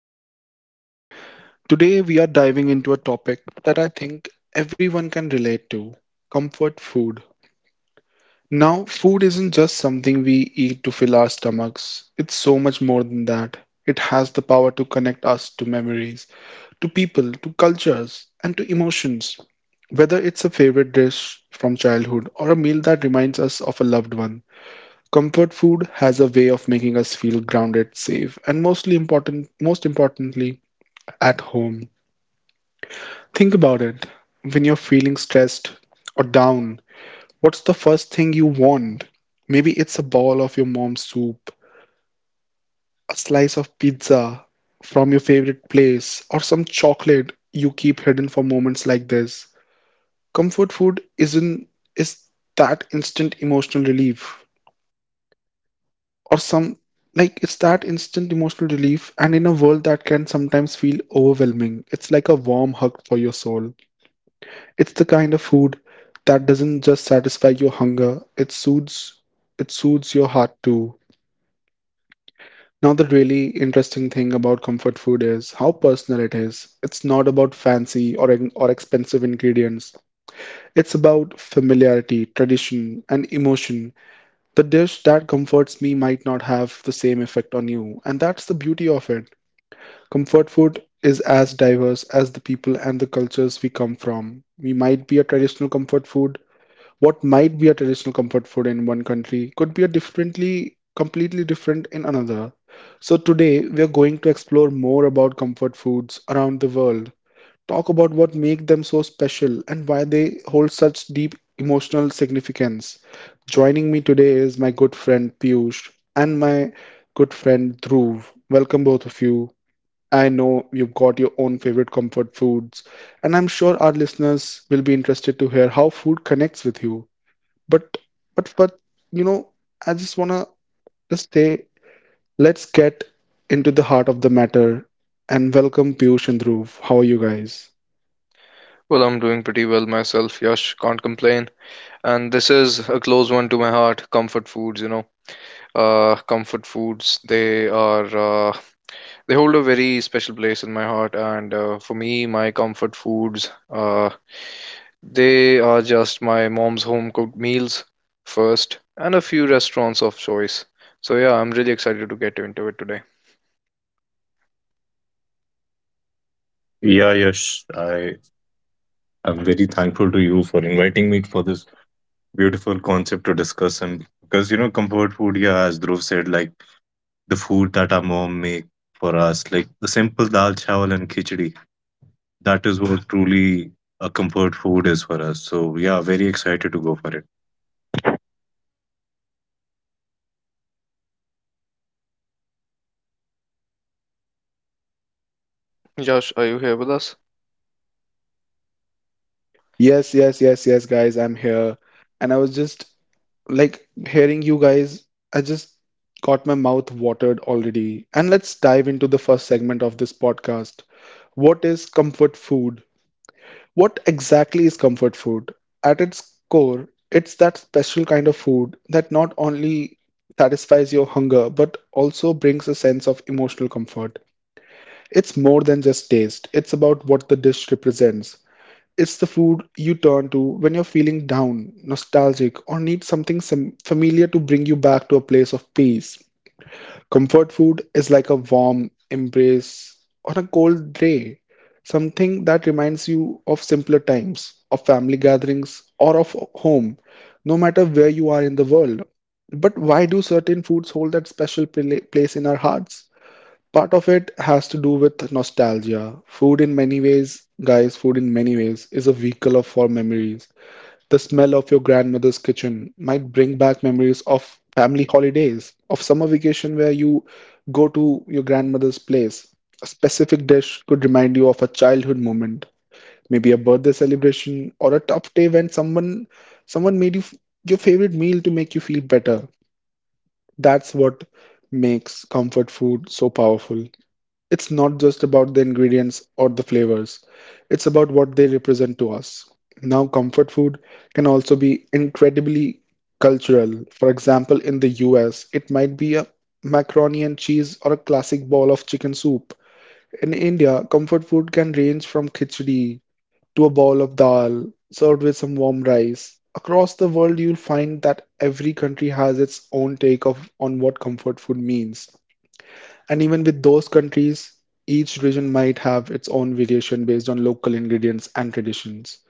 podcast. Today we are diving into a topic that I think everyone can relate to comfort food. Now, food isn't just something we eat to fill our stomachs, it's so much more than that. It has the power to connect us to memories, to people, to cultures, and to emotions. Whether it's a favorite dish from childhood or a meal that reminds us of a loved one. Comfort food has a way of making us feel grounded, safe, and most importantly, at home. Think about it. When you're feeling stressed or down, what's the first thing you want? Maybe it's a bowl of your mom's soup, a slice of pizza from your favorite place, or some chocolate you keep hidden for moments like this. Comfort food isn't is that instant emotional relief. Or some like It's that instant emotional relief, and in a world that can sometimes feel overwhelming, it's like a warm hug for your soul. It's the kind of food that doesn't just satisfy your hunger, it soothes your heart too. Now, the really interesting thing about comfort food is how personal it is. It's not about fancy or expensive ingredients. It's about familiarity, tradition, and emotion. The dish that comforts me might not have the same effect on you, and that's the beauty of it. Comfort food is as diverse as the people and the cultures we come from. We might be a traditional comfort food. What might be a traditional comfort food in one country could be a completely different in another. So today we are going to explore more about comfort foods around the world, talk about what make them so special and why they hold such deep emotional significance. Joining me today is my good friend Piyush and my good friend Dhruv. Welcome both of you. I know you've got your own favorite comfort foods, and I'm sure our listeners will be interested to hear how food connects with you. But, but, but, you know, I just wanna just say, let's get into the heart of the matter and welcome Piyush and Dhruv. How are you guys? Well, I'm doing pretty well myself, Yash. Can't complain. And this is a close one to my heart. Comfort foods, you know. Comfort foods, they are, uh, they hold a very special place in my heart. And for me, my comfort foods, they are just my mom's home cooked meals first and a few restaurants of choice. So, yeah, I'm really excited to get into it today. Uh, yeah, Yash, I am very thankful to you for inviting me for this beautiful concept to discuss. And because, you know, comfort food, yeah, as Dhruv said, like the food that our mom make for us, like the simple dal chawal and khichdi, that is what truly a comfort food is for us. So, yeah, very excited to go for it. Josh, are you here with us? Yes, yes, yes, yes, guys, I'm here. And I was just like hearing you guys, I just got my mouth watered already. And let's dive into the first segment of this podcast. What is comfort food? What exactly is comfort food? At its core, it's that special kind of food that not only satisfies your hunger but also brings a sense of emotional comfort. It's more than just taste, it's about what the dish represents. It's the food you turn to when you're feeling down, nostalgic, or need something familiar to bring you back to a place of peace. Comfort food is like a warm embrace on a cold day, something that reminds you of simpler times, of family gatherings, or of home, no matter where you are in the world. But why do certain foods hold that special place in our hearts? Part of it has to do with nostalgia. Food in many ways is a vehicle of for memories. The smell of your grandmother's kitchen might bring back memories of family holidays, of summer vacation where you go to your grandmother's place. A specific dish could remind you of a childhood moment, maybe a birthday celebration or a tough day when someone your favorite meal to make you feel better. That's what makes comfort food so powerful. It's not just about the ingredients or the flavors, it's about what they represent to us. Now, comfort food can also be incredibly cultural. For example, in the US, it might be a macaroni and cheese or a classic bowl of chicken soup. In India, comfort food can range from khichdi to a bowl of dal served with some warm rice. Across the world, you'll find that every country has its own take of on what comfort food means. And even with those countries, each region might have its own variation based on local ingredients and traditions.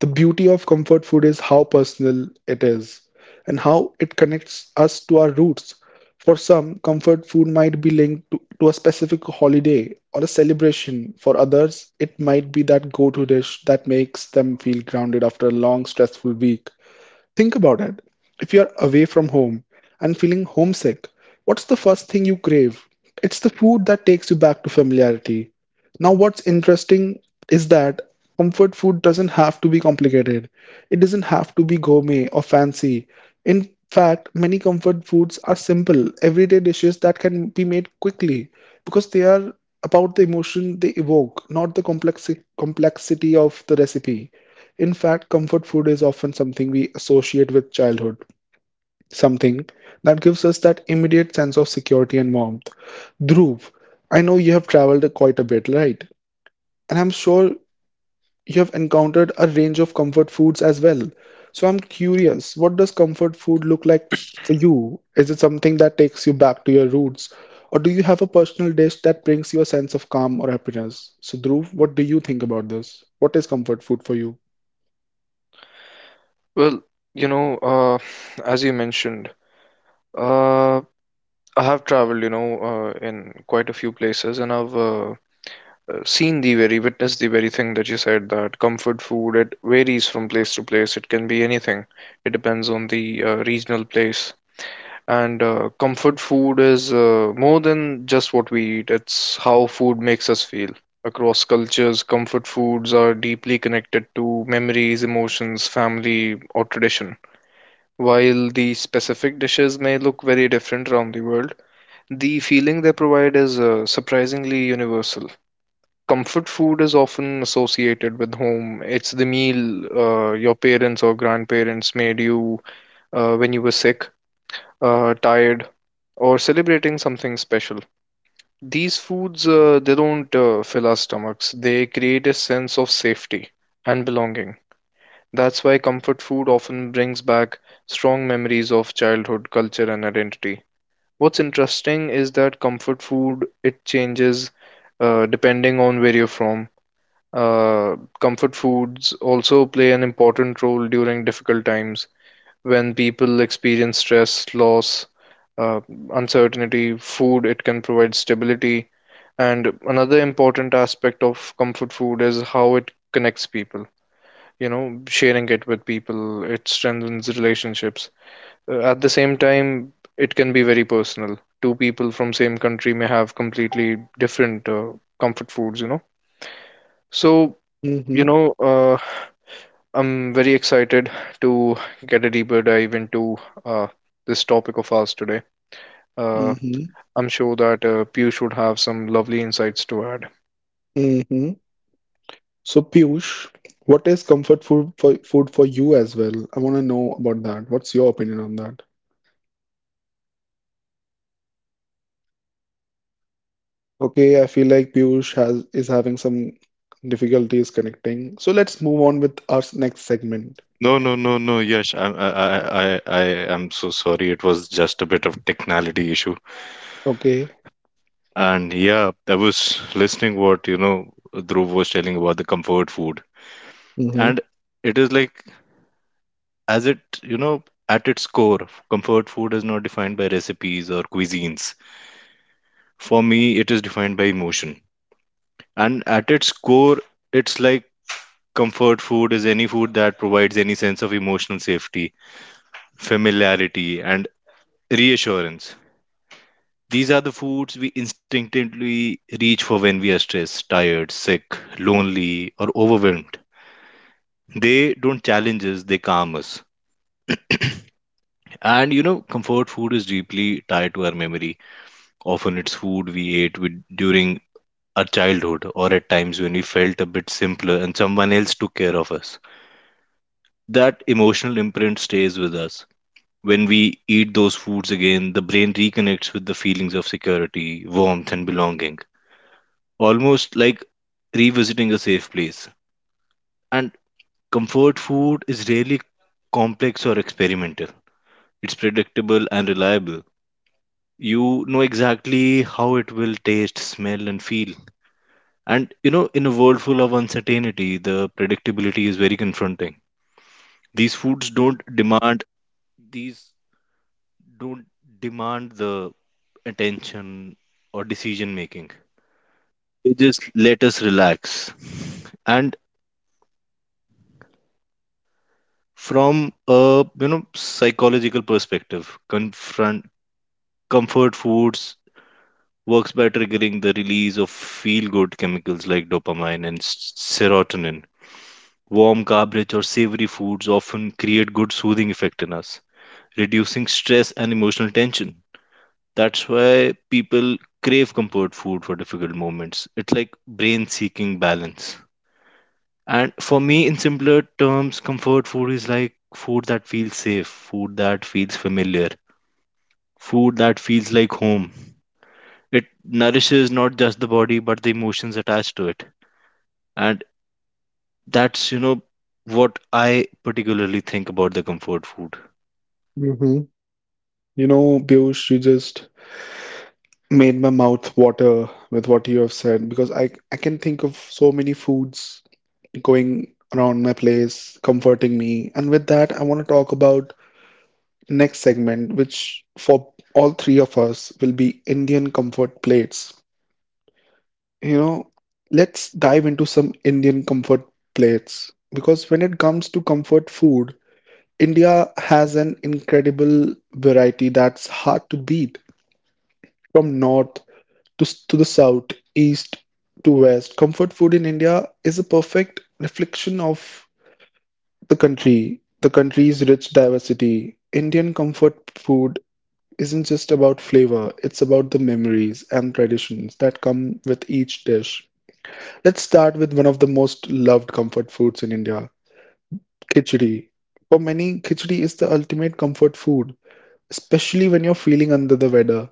The beauty of comfort food is how personal it is and how it connects us to our roots. For some, comfort food might be linked to a specific holiday or a celebration. For others, it might be that go to dish that makes them feel grounded after a long, stressful week. Think about it. If you're away from home and feeling homesick, what's the first thing you crave? It's the food that takes you back to familiarity. Now, what's interesting is that comfort food doesn't have to be complicated, it doesn't have to be gourmet or fancy. In fact, many comfort foods are simple, everyday dishes that can be made quickly because they are about the emotion they evoke, not the complexity of the recipe. In fact, comfort food is often something we associate with childhood, something that gives us that immediate sense of security and warmth. Dhruv, I know you have traveled quite a bit, right? And I'm sure you have encountered a range of comfort foods as well. So I'm curious, what does comfort food look like for you? Is it something that takes you back to your roots? Or do you have a personal dish that brings you a sense of calm or happiness? So, Dhruv, what do you think about this? What is comfort food for you? Well, you know, uh, as you mentioned, Uh. I have traveled, in quite a few places, and I've witnessed the very thing that you said that comfort food, it varies from place to place. It can be anything. It depends on the regional place. And comfort food is more than just what we eat, it's how food makes us feel. Across cultures, comfort foods are deeply connected to memories, emotions, family, or tradition. While the specific dishes may look very different around the world, the feeling they provide is surprisingly universal. Comfort food is often associated with home. It's the meal your parents or grandparents made you when you were sick, tired, or celebrating something special. These foods, they don't fill our stomachs. They create a sense of safety and belonging. That's why comfort food often brings back strong memories of childhood, culture, and identity. What's interesting is that comfort food it changes depending on where you're from. Comfort foods also play an important role during difficult times when people experience stress, loss, uh, uncertainty. Food it can provide stability, and another important aspect of comfort food is how it connects people. You know, sharing it with people it strengthens relationships at the same time, it can be very personal. Two people from same country may have completely different comfort foods, you know. So, you Mm-hmm. know, uh, I'm very excited to get a deeper dive into uh, this topic of ours today. Uh, I'm sure that Piyush would have some lovely insights to add. Mm-hmm. So Piyush, what is comfort food for you as well? I want to know about that. What's your opinion on that? Okay, I feel like Piyush has is having some difficulties connecting. So let's move on with our next segment. No, no, no, no, Yash. I'm, I am so sorry. It was just a bit of technicality issue. Okay. And yeah, I was listening what, you know, Dhruv was telling about the comfort food. Mm-hmm. And it is like, as it, you know, at its core, comfort food is not defined by recipes or cuisines. For me, it is defined by emotion. And at its core, it's like comfort food is any food that provides any sense of emotional safety, familiarity, and reassurance. These are the foods we instinctively reach for when we are stressed, tired, sick, lonely, or overwhelmed. They don't challenge us, they calm us. And you know, comfort food is deeply tied to our memory. Often it's food we ate with during our childhood or at times when we felt a bit simpler and someone else took care of us. That emotional imprint stays with us. When we eat those foods again, the brain reconnects with the feelings of security, warmth, and belonging. Almost like revisiting a safe place. And comfort food is rarely complex or experimental. It's predictable and reliable, you know exactly how it will taste, smell, and feel. And you know, in a world full of uncertainty, the predictability is very confronting. These foods don't, and from a, you know, psychological perspective confront, comfort foods works by triggering the release of feel good chemicals like dopamine and serotonin. Warm garbage or savory foods often create good soothing effect in us, reducing stress and emotional tension. That's why people crave comfort food for difficult moments. It's like brain seeking balance. And for me, in simpler terms, comfort food is like food that feels safe, food that feels familiar, food that feels like home. It nourishes not just the body, but the emotions attached to it. And that's, you know, what I particularly think about the comfort food. Mm-hmm. You know, Piyush, you just made my mouth water with what you have said, because I can think of so many foods going around my place, comforting me. And with that, I want to talk about next segment, which for all three of us will be Indian comfort plates. You know, let's dive into some Indian comfort plates, because when it comes to comfort food, India has an incredible variety that's hard to beat. From north to the south, east to west, comfort food in India is a perfect reflection of the country's rich diversity. Indian comfort food isn't just about flavor, it's about the memories and traditions that come with each dish. Let's start with one of the most loved comfort foods in India, khichdi. For many, khichdi is the ultimate comfort food, especially when you're feeling under the weather.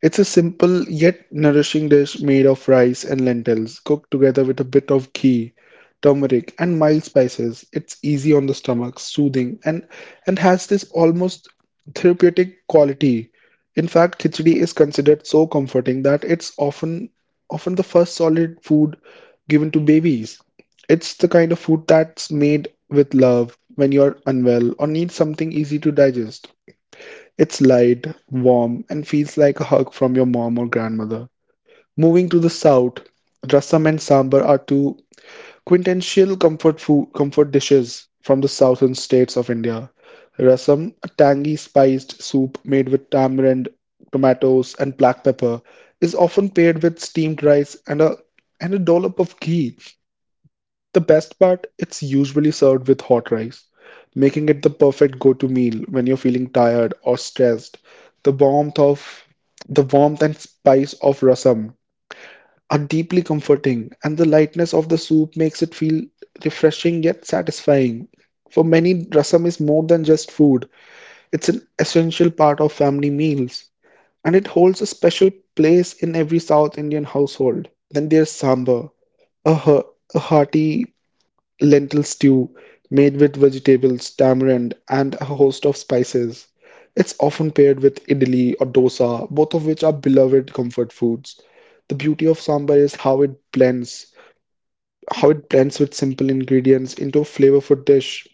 It's a simple yet nourishing dish made of rice and lentils, cooked together with a bit of ghee, turmeric, and mild spices. It's easy on the stomach, soothing, and has this almost therapeutic quality. In fact, khichdi is considered so comforting that it's often the first solid food given to babies. It's the kind of food that's made with love when you're unwell or need something easy to digest. It's light, warm, and feels like a hug from your mom or grandmother. Moving to the south, rasam and sambar are two quintessential comfort dishes from the southern states of India. Rasam, a tangy spiced soup made with tamarind, tomatoes, and black pepper, is often paired with steamed rice and a dollop of ghee. The best part, it's usually served with hot rice, making it the perfect go-to meal when you're feeling tired or stressed. The warmth of the warmth and spice of rasam are deeply comforting, and the lightness of the soup makes it feel refreshing yet satisfying. For many, rasam is more than just food. It's an essential part of family meals, and it holds a special place in every South Indian household. Then there's sambar, a, he- a hearty lentil stew made with vegetables, tamarind, and a host of spices. It's often paired with idli or dosa, both of which are beloved comfort foods. The beauty of sambar is how it blends with simple ingredients into a flavorful dish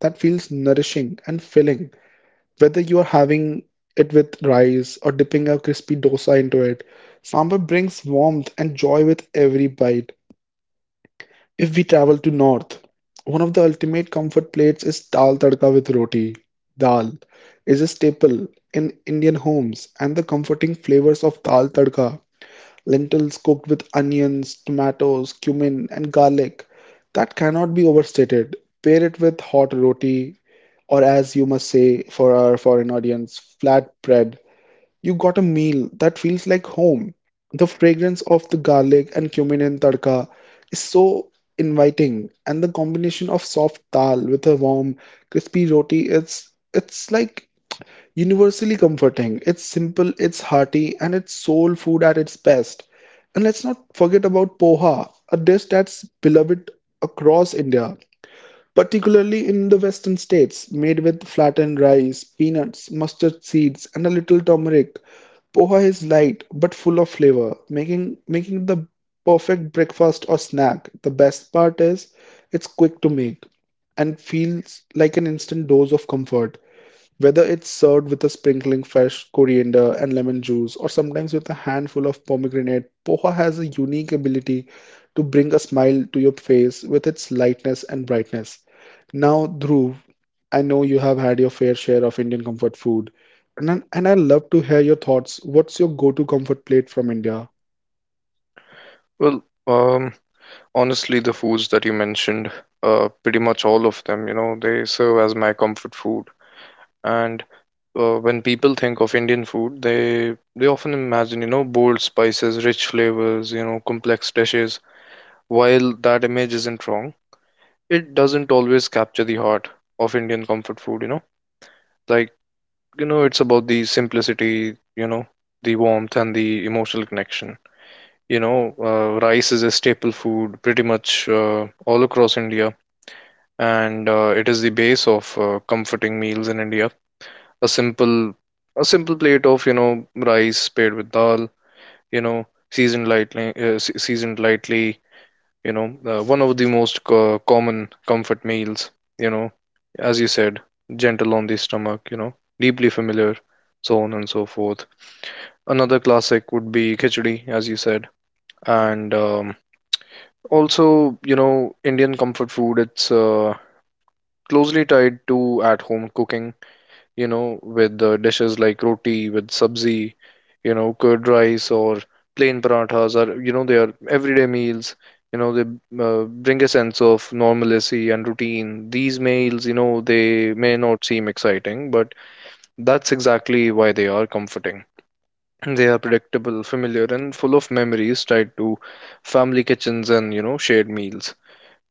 that feels nourishing and filling. Whether you are having it with rice or dipping a crispy dosa into it, sambar brings warmth and joy with every bite. If we travel to north, one of the ultimate comfort plates is dal tadka with roti. Dal is a staple in Indian homes, and the comforting flavors of dal tadka, lentils cooked with onions, tomatoes, cumin, and garlic, that cannot be overstated. Pair it with hot roti, or as you must say for our foreign audience, flat bread. You got a meal that feels like home. The fragrance of the garlic and cumin in tadka is so inviting, and the combination of soft dal with a warm, crispy roti, it's universally comforting. It's simple, it's hearty, and it's soul food at its best. And let's not forget about poha, a dish that's beloved across India, particularly in the western states, made with flattened rice, peanuts, mustard seeds, and a little turmeric. Poha is light but full of flavor, making the perfect breakfast or snack. The best part is it's quick to make and feels like an instant dose of comfort. Whether it's served with a sprinkling fresh coriander and lemon juice, or sometimes with a handful of pomegranate, poha has a unique ability to bring a smile to your face with its lightness and brightness. Now, Dhruv, I know you have had your fair share of Indian comfort food, and I love to hear your thoughts. What's your go-to comfort plate from India? Well, um, Honestly, the foods that you mentioned, pretty much all of them, you know, they serve as my comfort food. And when people think of Indian food, they often imagine, you know, bold spices, rich flavors, you know, complex dishes. While that image isn't wrong, it doesn't always capture the heart of Indian comfort food, you know. Like, you know, it's about the simplicity, you know, the warmth and the emotional connection. You know, rice is a staple food pretty much all across India, and it is the base of comforting meals in India. A simple a simple plate of, you know, rice paired with dal, you know, seasoned lightly, you know, one of the most common comfort meals, you know, as you said, gentle on the stomach, you know, deeply familiar, so on and so forth. Another classic would be khichdi, as you said, and also, you know, Indian comfort food, it's closely tied to at home cooking, you know, with dishes like roti, with sabzi, you know, curd rice or plain parathas are, you know, they are everyday meals. You know, they bring a sense of normalcy and routine. These meals, you know, they may not seem exciting, but that's exactly why they are comforting. They are predictable, familiar, and full of memories tied to family kitchens and, you know, shared meals.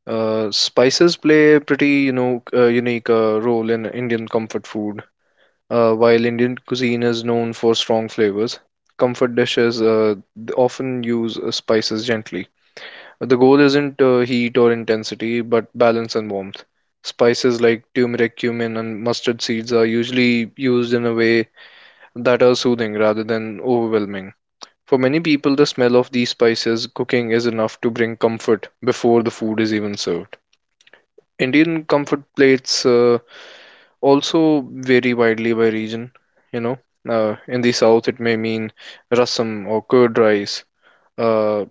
Spices play a pretty, you know, unique role in Indian comfort food. While Indian cuisine is known for strong flavors, comfort dishes often use spices gently. The goal isn't heat or intensity, but balance and warmth. Spices like turmeric, cumin, and mustard seeds are usually used in a way that are soothing rather than overwhelming. For many people, the smell of these spices cooking is enough to bring comfort before the food is even served. Indian comfort plates also vary widely by region. You know, in the south it may mean rasam or curd rice. Uh,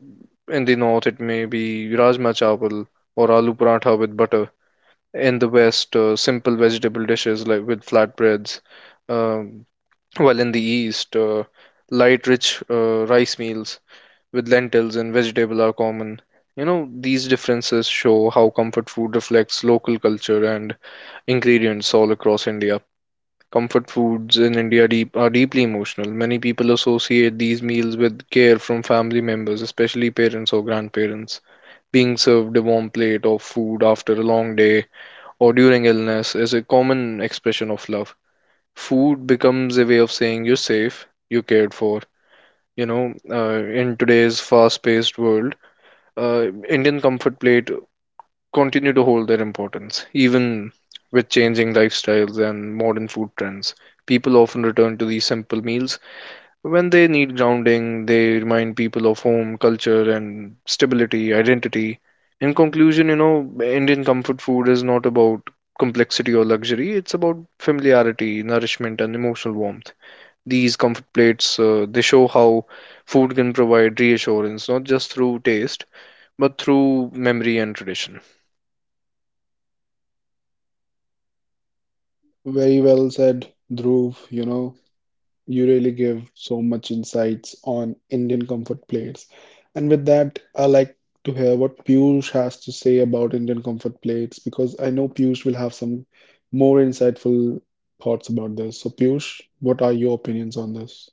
in the north it may be rajma chawal or aloo paratha with butter. In the west, simple vegetable dishes like with flatbreads. Um, while in the east, light, rich rice meals with lentils and vegetable are common. You know, these differences show how comfort food reflects local culture and ingredients all across India. Comfort foods in India are deeply emotional. Many people associate these meals with care from family members, especially parents or grandparents. Being served a warm plate of food after a long day or during illness is a common expression of love. Food becomes a way of saying you're safe, you're cared for. You know, in today's fast paced world, Indian comfort plate continue to hold their importance, even with changing lifestyles and modern food trends. People often return to these simple meals when they need grounding, they remind people of home, culture, and stability, identity. In conclusion, you know, Indian comfort food is not about complexity or luxury, it's about familiarity, nourishment, and emotional warmth. These comfort plates, they show how food can provide reassurance, not just through taste, but through memory and tradition. Very well said, Dhruv. You know, you really give so much insights on Indian comfort plates. And with that, I like to hear what Piyush has to say about Indian comfort plates because I know Piyush will have some more insightful thoughts about this. So, Piyush, what are your opinions on this?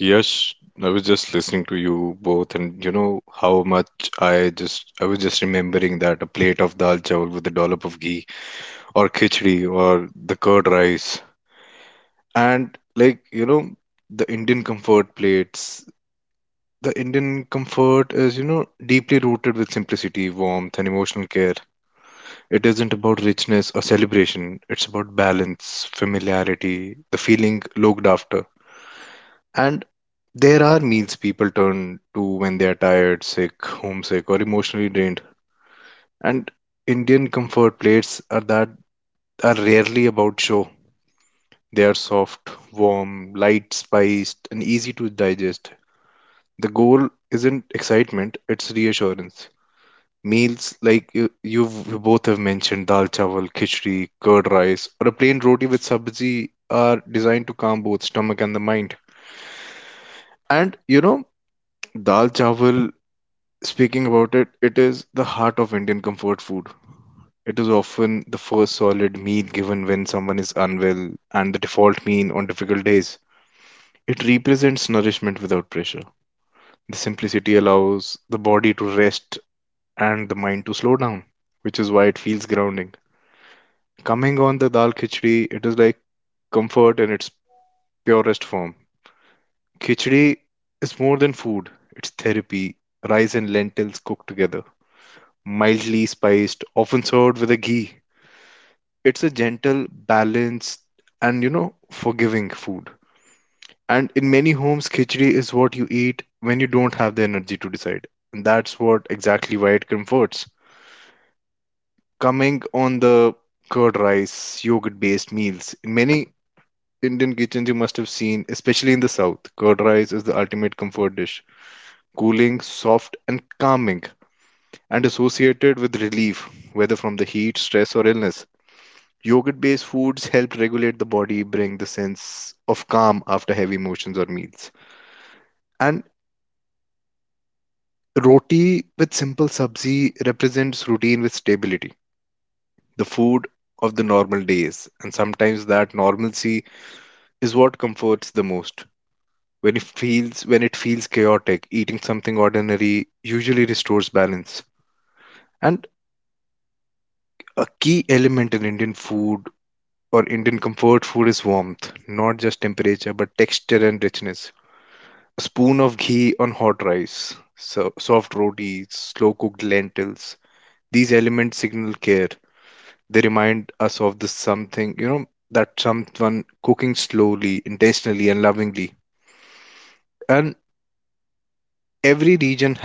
Yes, I was just listening to you both, and you know how much I was just remembering that a plate of dal chawal with a dollop of ghee, or khichdi, or the curd rice. And like, you know, the Indian comfort plates, the Indian comfort is, you know, deeply rooted with simplicity, warmth, and emotional care. It isn't about richness or celebration, it's about balance, familiarity, the feeling looked after. And there are meals people turn to when they are tired, sick, homesick, or emotionally drained. And Indian comfort plates are that, are rarely about show. They are soft, warm, light spiced, and easy to digest. The goal isn't excitement, it's reassurance. Meals like you both have mentioned dal chawal, khichdi, curd rice, or a plain roti with sabzi are designed to calm both stomach and the mind. And you know, dal chawal, speaking about it, it is the heart of Indian comfort food. It is often the first solid meal given when someone is unwell and the default meal on difficult days. It represents nourishment without pressure. The simplicity allows the body to rest and the mind to slow down, which is why it feels grounding. Coming on the dal khichdi, it is like comfort in its purest form. Khichdi is more than food, it's therapy, rice and lentils cooked together, mildly spiced, often served with a ghee. It's a gentle, balanced, and you know, forgiving food. And in many homes, khichdi is what you eat when you don't have the energy to decide. And that's what exactly why it comforts. Coming on the curd rice, yogurt based meals. In many Indian kitchens, you must have seen, especially in the south, curd rice is the ultimate comfort dish, cooling, soft, and calming, and associated with relief, whether from the heat, stress, or illness. Yogurt based foods help regulate the body, bring the sense of calm after heavy emotions or meals. And roti with simple sabzi represents routine with stability, the food of the normal days, and sometimes that normalcy is what comforts the most. When it feels chaotic, eating something ordinary usually restores balance. And uh, food or Indian comforts warmth, nature and richness. S- s- These here they remind us something, you know, that one lovingly. And every region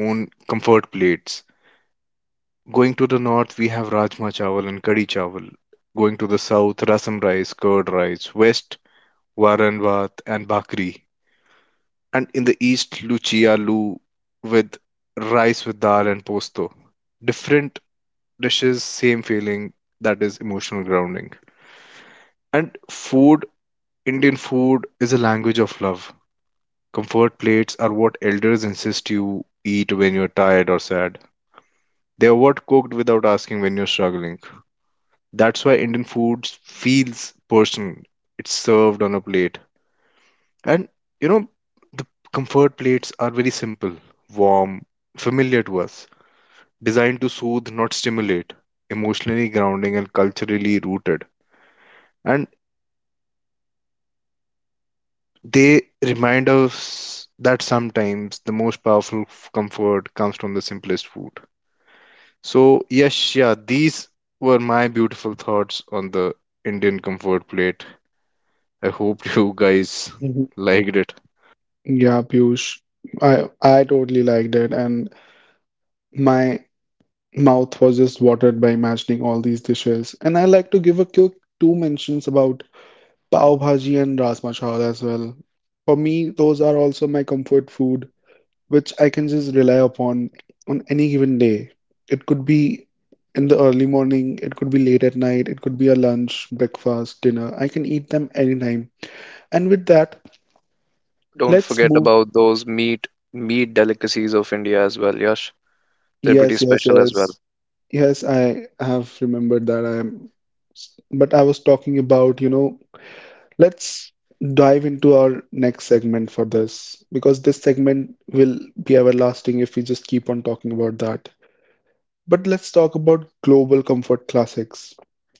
own comfort plates. Going to the north, we have rajma chawal and kadi chawal. Going to the south, rasam rice, curd rice. West, varan vaat and bhakri. And in the east, lucia lu with rice with dal and posto. Different dishes, same feeling, that is emotional grounding. And food, Indian food is a language of love. Comfort plates are what elders insist you eat when you're tired or sad. They are what cooked without asking when you're struggling. That's why Indian food feels personal, it's served on a plate. And you know, the comfort plates are very simple, warm, familiar to us, designed to soothe, not stimulate, emotionally grounding and culturally rooted. And they remind us that sometimes the most powerful comfort comes from the simplest food. So, yes, yeah, these were my beautiful thoughts on the Indian comfort plate. I hope you guys Mhm. liked it. Yeah, Piyush, I totally liked it, and my mouth was just watered by imagining all these dishes. And I like to give a quick two mentions about pav bhaji and rajma chawal as well. For me, those are also my comfort food, which I can just rely upon on any given day. It could be in the early morning, it could be late at night, it could be a lunch, breakfast, dinner. I can eat them anytime. And with that, Don't let's forget move. about those meat delicacies of India as well, Yash. They're pretty Yes, yes, special as well. yes. Yes, I have remembered that I am, but I was talking about, you know, let's dive into our next segment for this because this segment will be everlasting if we just keep on talking about that. But let's talk about global comfort classics.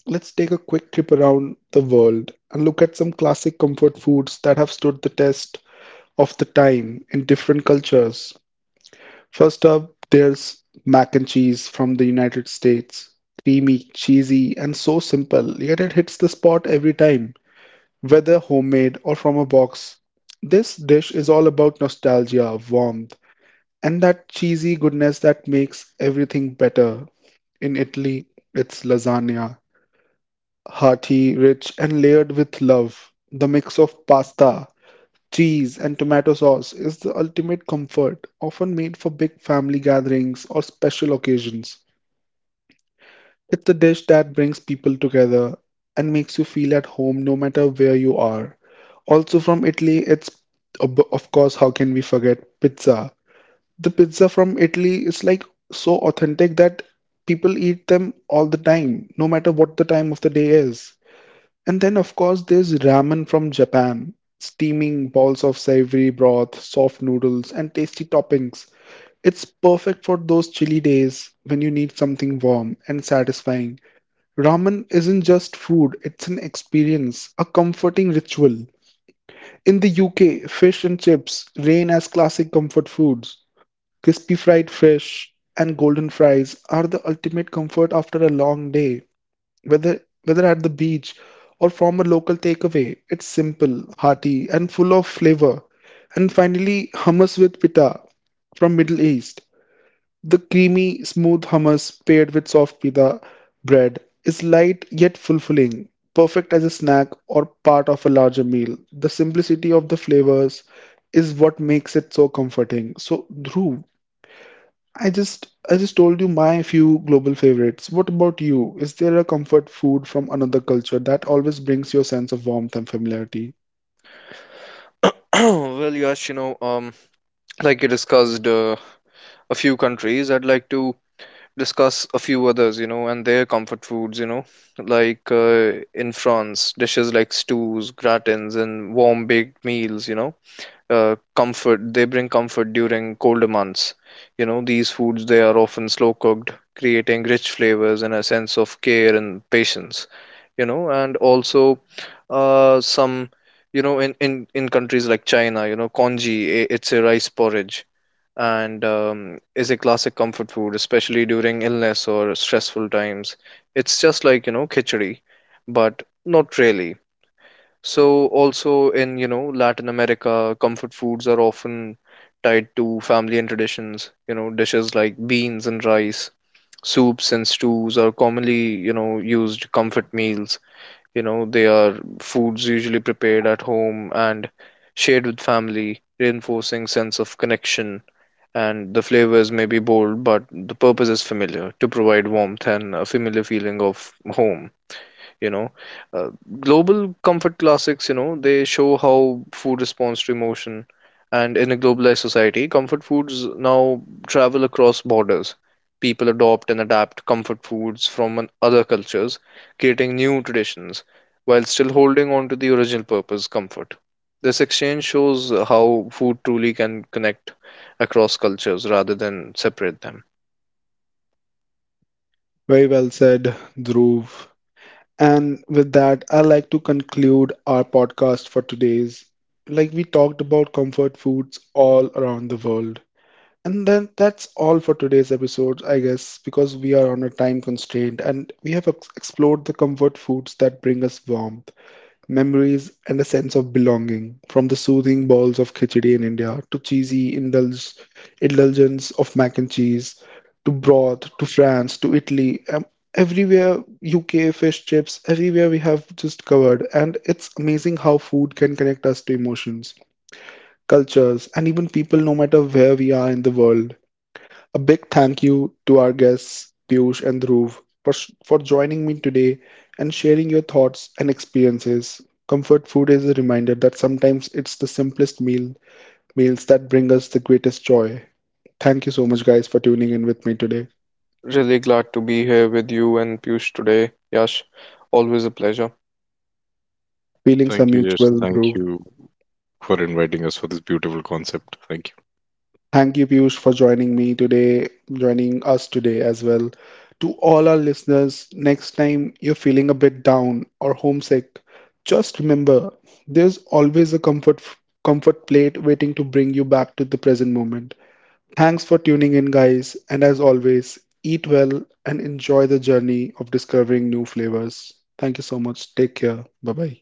Let's take a quick trip around the world and look at some classic comfort foods that have stood the test of the time in different cultures. First up, there's mac and cheese from the United States. Creamy, cheesy, and so simple, yet it hits the spot every time. Whether homemade or from a box, this dish is all about nostalgia, warmth, and that cheesy goodness that makes everything better. In Italy, it's lasagna, hearty, rich, and layered with love. The mix of pasta, cheese, and tomato sauce is the ultimate comfort, often made for big family gatherings or special occasions. It's a dish that brings people together and makes you feel at home no matter where you are. Also from Italy, it's of course, how can we forget pizza? The pizza from Italy is like so authentic that people eat them all the time, no matter what the time of the day is. And then, of course, there's ramen from Japan. Steaming balls of savory broth, soft noodles, and tasty toppings. It's perfect for those chilly days when you need something warm and satisfying. Ramen isn't just food, it's an experience, a comforting ritual. In the UK, fish and chips reign as classic comfort foods. Crispy fried fish and golden fries are the ultimate comfort after a long day. Whether at the beach or from a local takeaway, it's simple, hearty, and full of flavor. And finally, hummus with pita from Middle East. The creamy, smooth hummus paired with soft pita bread is light yet fulfilling, perfect as a snack or part of a larger meal. The simplicity of the flavors is what makes it so comforting. So, Dhruv, I just told you my few global favorites. What about you? Is there a comfort food from another culture that always brings your sense of warmth and familiarity? Well, Yash, like you discussed a few countries, I'd like to discuss a few others, you know, and their comfort foods, you know, like in France, dishes like stews, gratins, and warm baked meals, you know. Comfort They bring comfort during colder months, you know. These foods, they are often slow cooked, creating rich flavors and a sense of care and patience, you know. And also, some you know in countries like China, you know, congee, it's a rice porridge, and is a classic comfort food, especially during illness or stressful times. It's just like, you know, khichdi, but not really. So also, in, you know, Latin America, comfort foods are often tied to family and traditions. You know, dishes like beans and rice, soups and stews are commonly, you know, used comfort meals. You know, they are foods usually prepared at home and shared with family, reinforcing sense of connection. And the flavors may be bold, but the purpose is familiar, to provide warmth and a familiar feeling of home, you know. uh, Global comfort classics, you know, they show how food responds to emotion. And in a globalized society, comfort foods now travel across borders. People adopt and adapt comfort foods from other cultures, creating new traditions, while still holding on to the original purpose: comfort. This exchange shows how food truly can connect across cultures rather than separate them. Very well said, Dhruv. And with that, I like to conclude our podcast for today's. Like we talked about comfort foods all around the world. And then that's all for today's episode, I guess, because we are on a time constraint and we have explored the comfort foods that bring us warmth, memories, and a sense of belonging, from the soothing bowls of khichdi in India to cheesy indulgence of mac and cheese to broth to France to Italy. Everywhere, UK fish chips, everywhere we have just covered. And it's amazing how food can connect us to emotions, cultures, and even people no matter where we are in the world. A big thank you to our guests, Piyush and Dhruv, for, for joining me today and sharing your thoughts and experiences. Comfort food is a reminder that sometimes it's the simplest meals that bring us the greatest joy. Thank you so much, guys, for tuning in with me today. Really glad to be here with you and Piyush today, Yash. Always a pleasure. Feelings are Thank you, Yash. mutual, Thank Dhruv. you for inviting us for this beautiful concept. Thank you. Thank you, Piyush, for joining me today, joining us today as well. To all our listeners, next time you're feeling a bit down or homesick, just remember there's always a comfort plate waiting to bring you back to the present moment. Thanks for tuning in, guys, and as always, eat well and enjoy the journey of discovering new flavors. Thank you so much. Take care. Bye bye.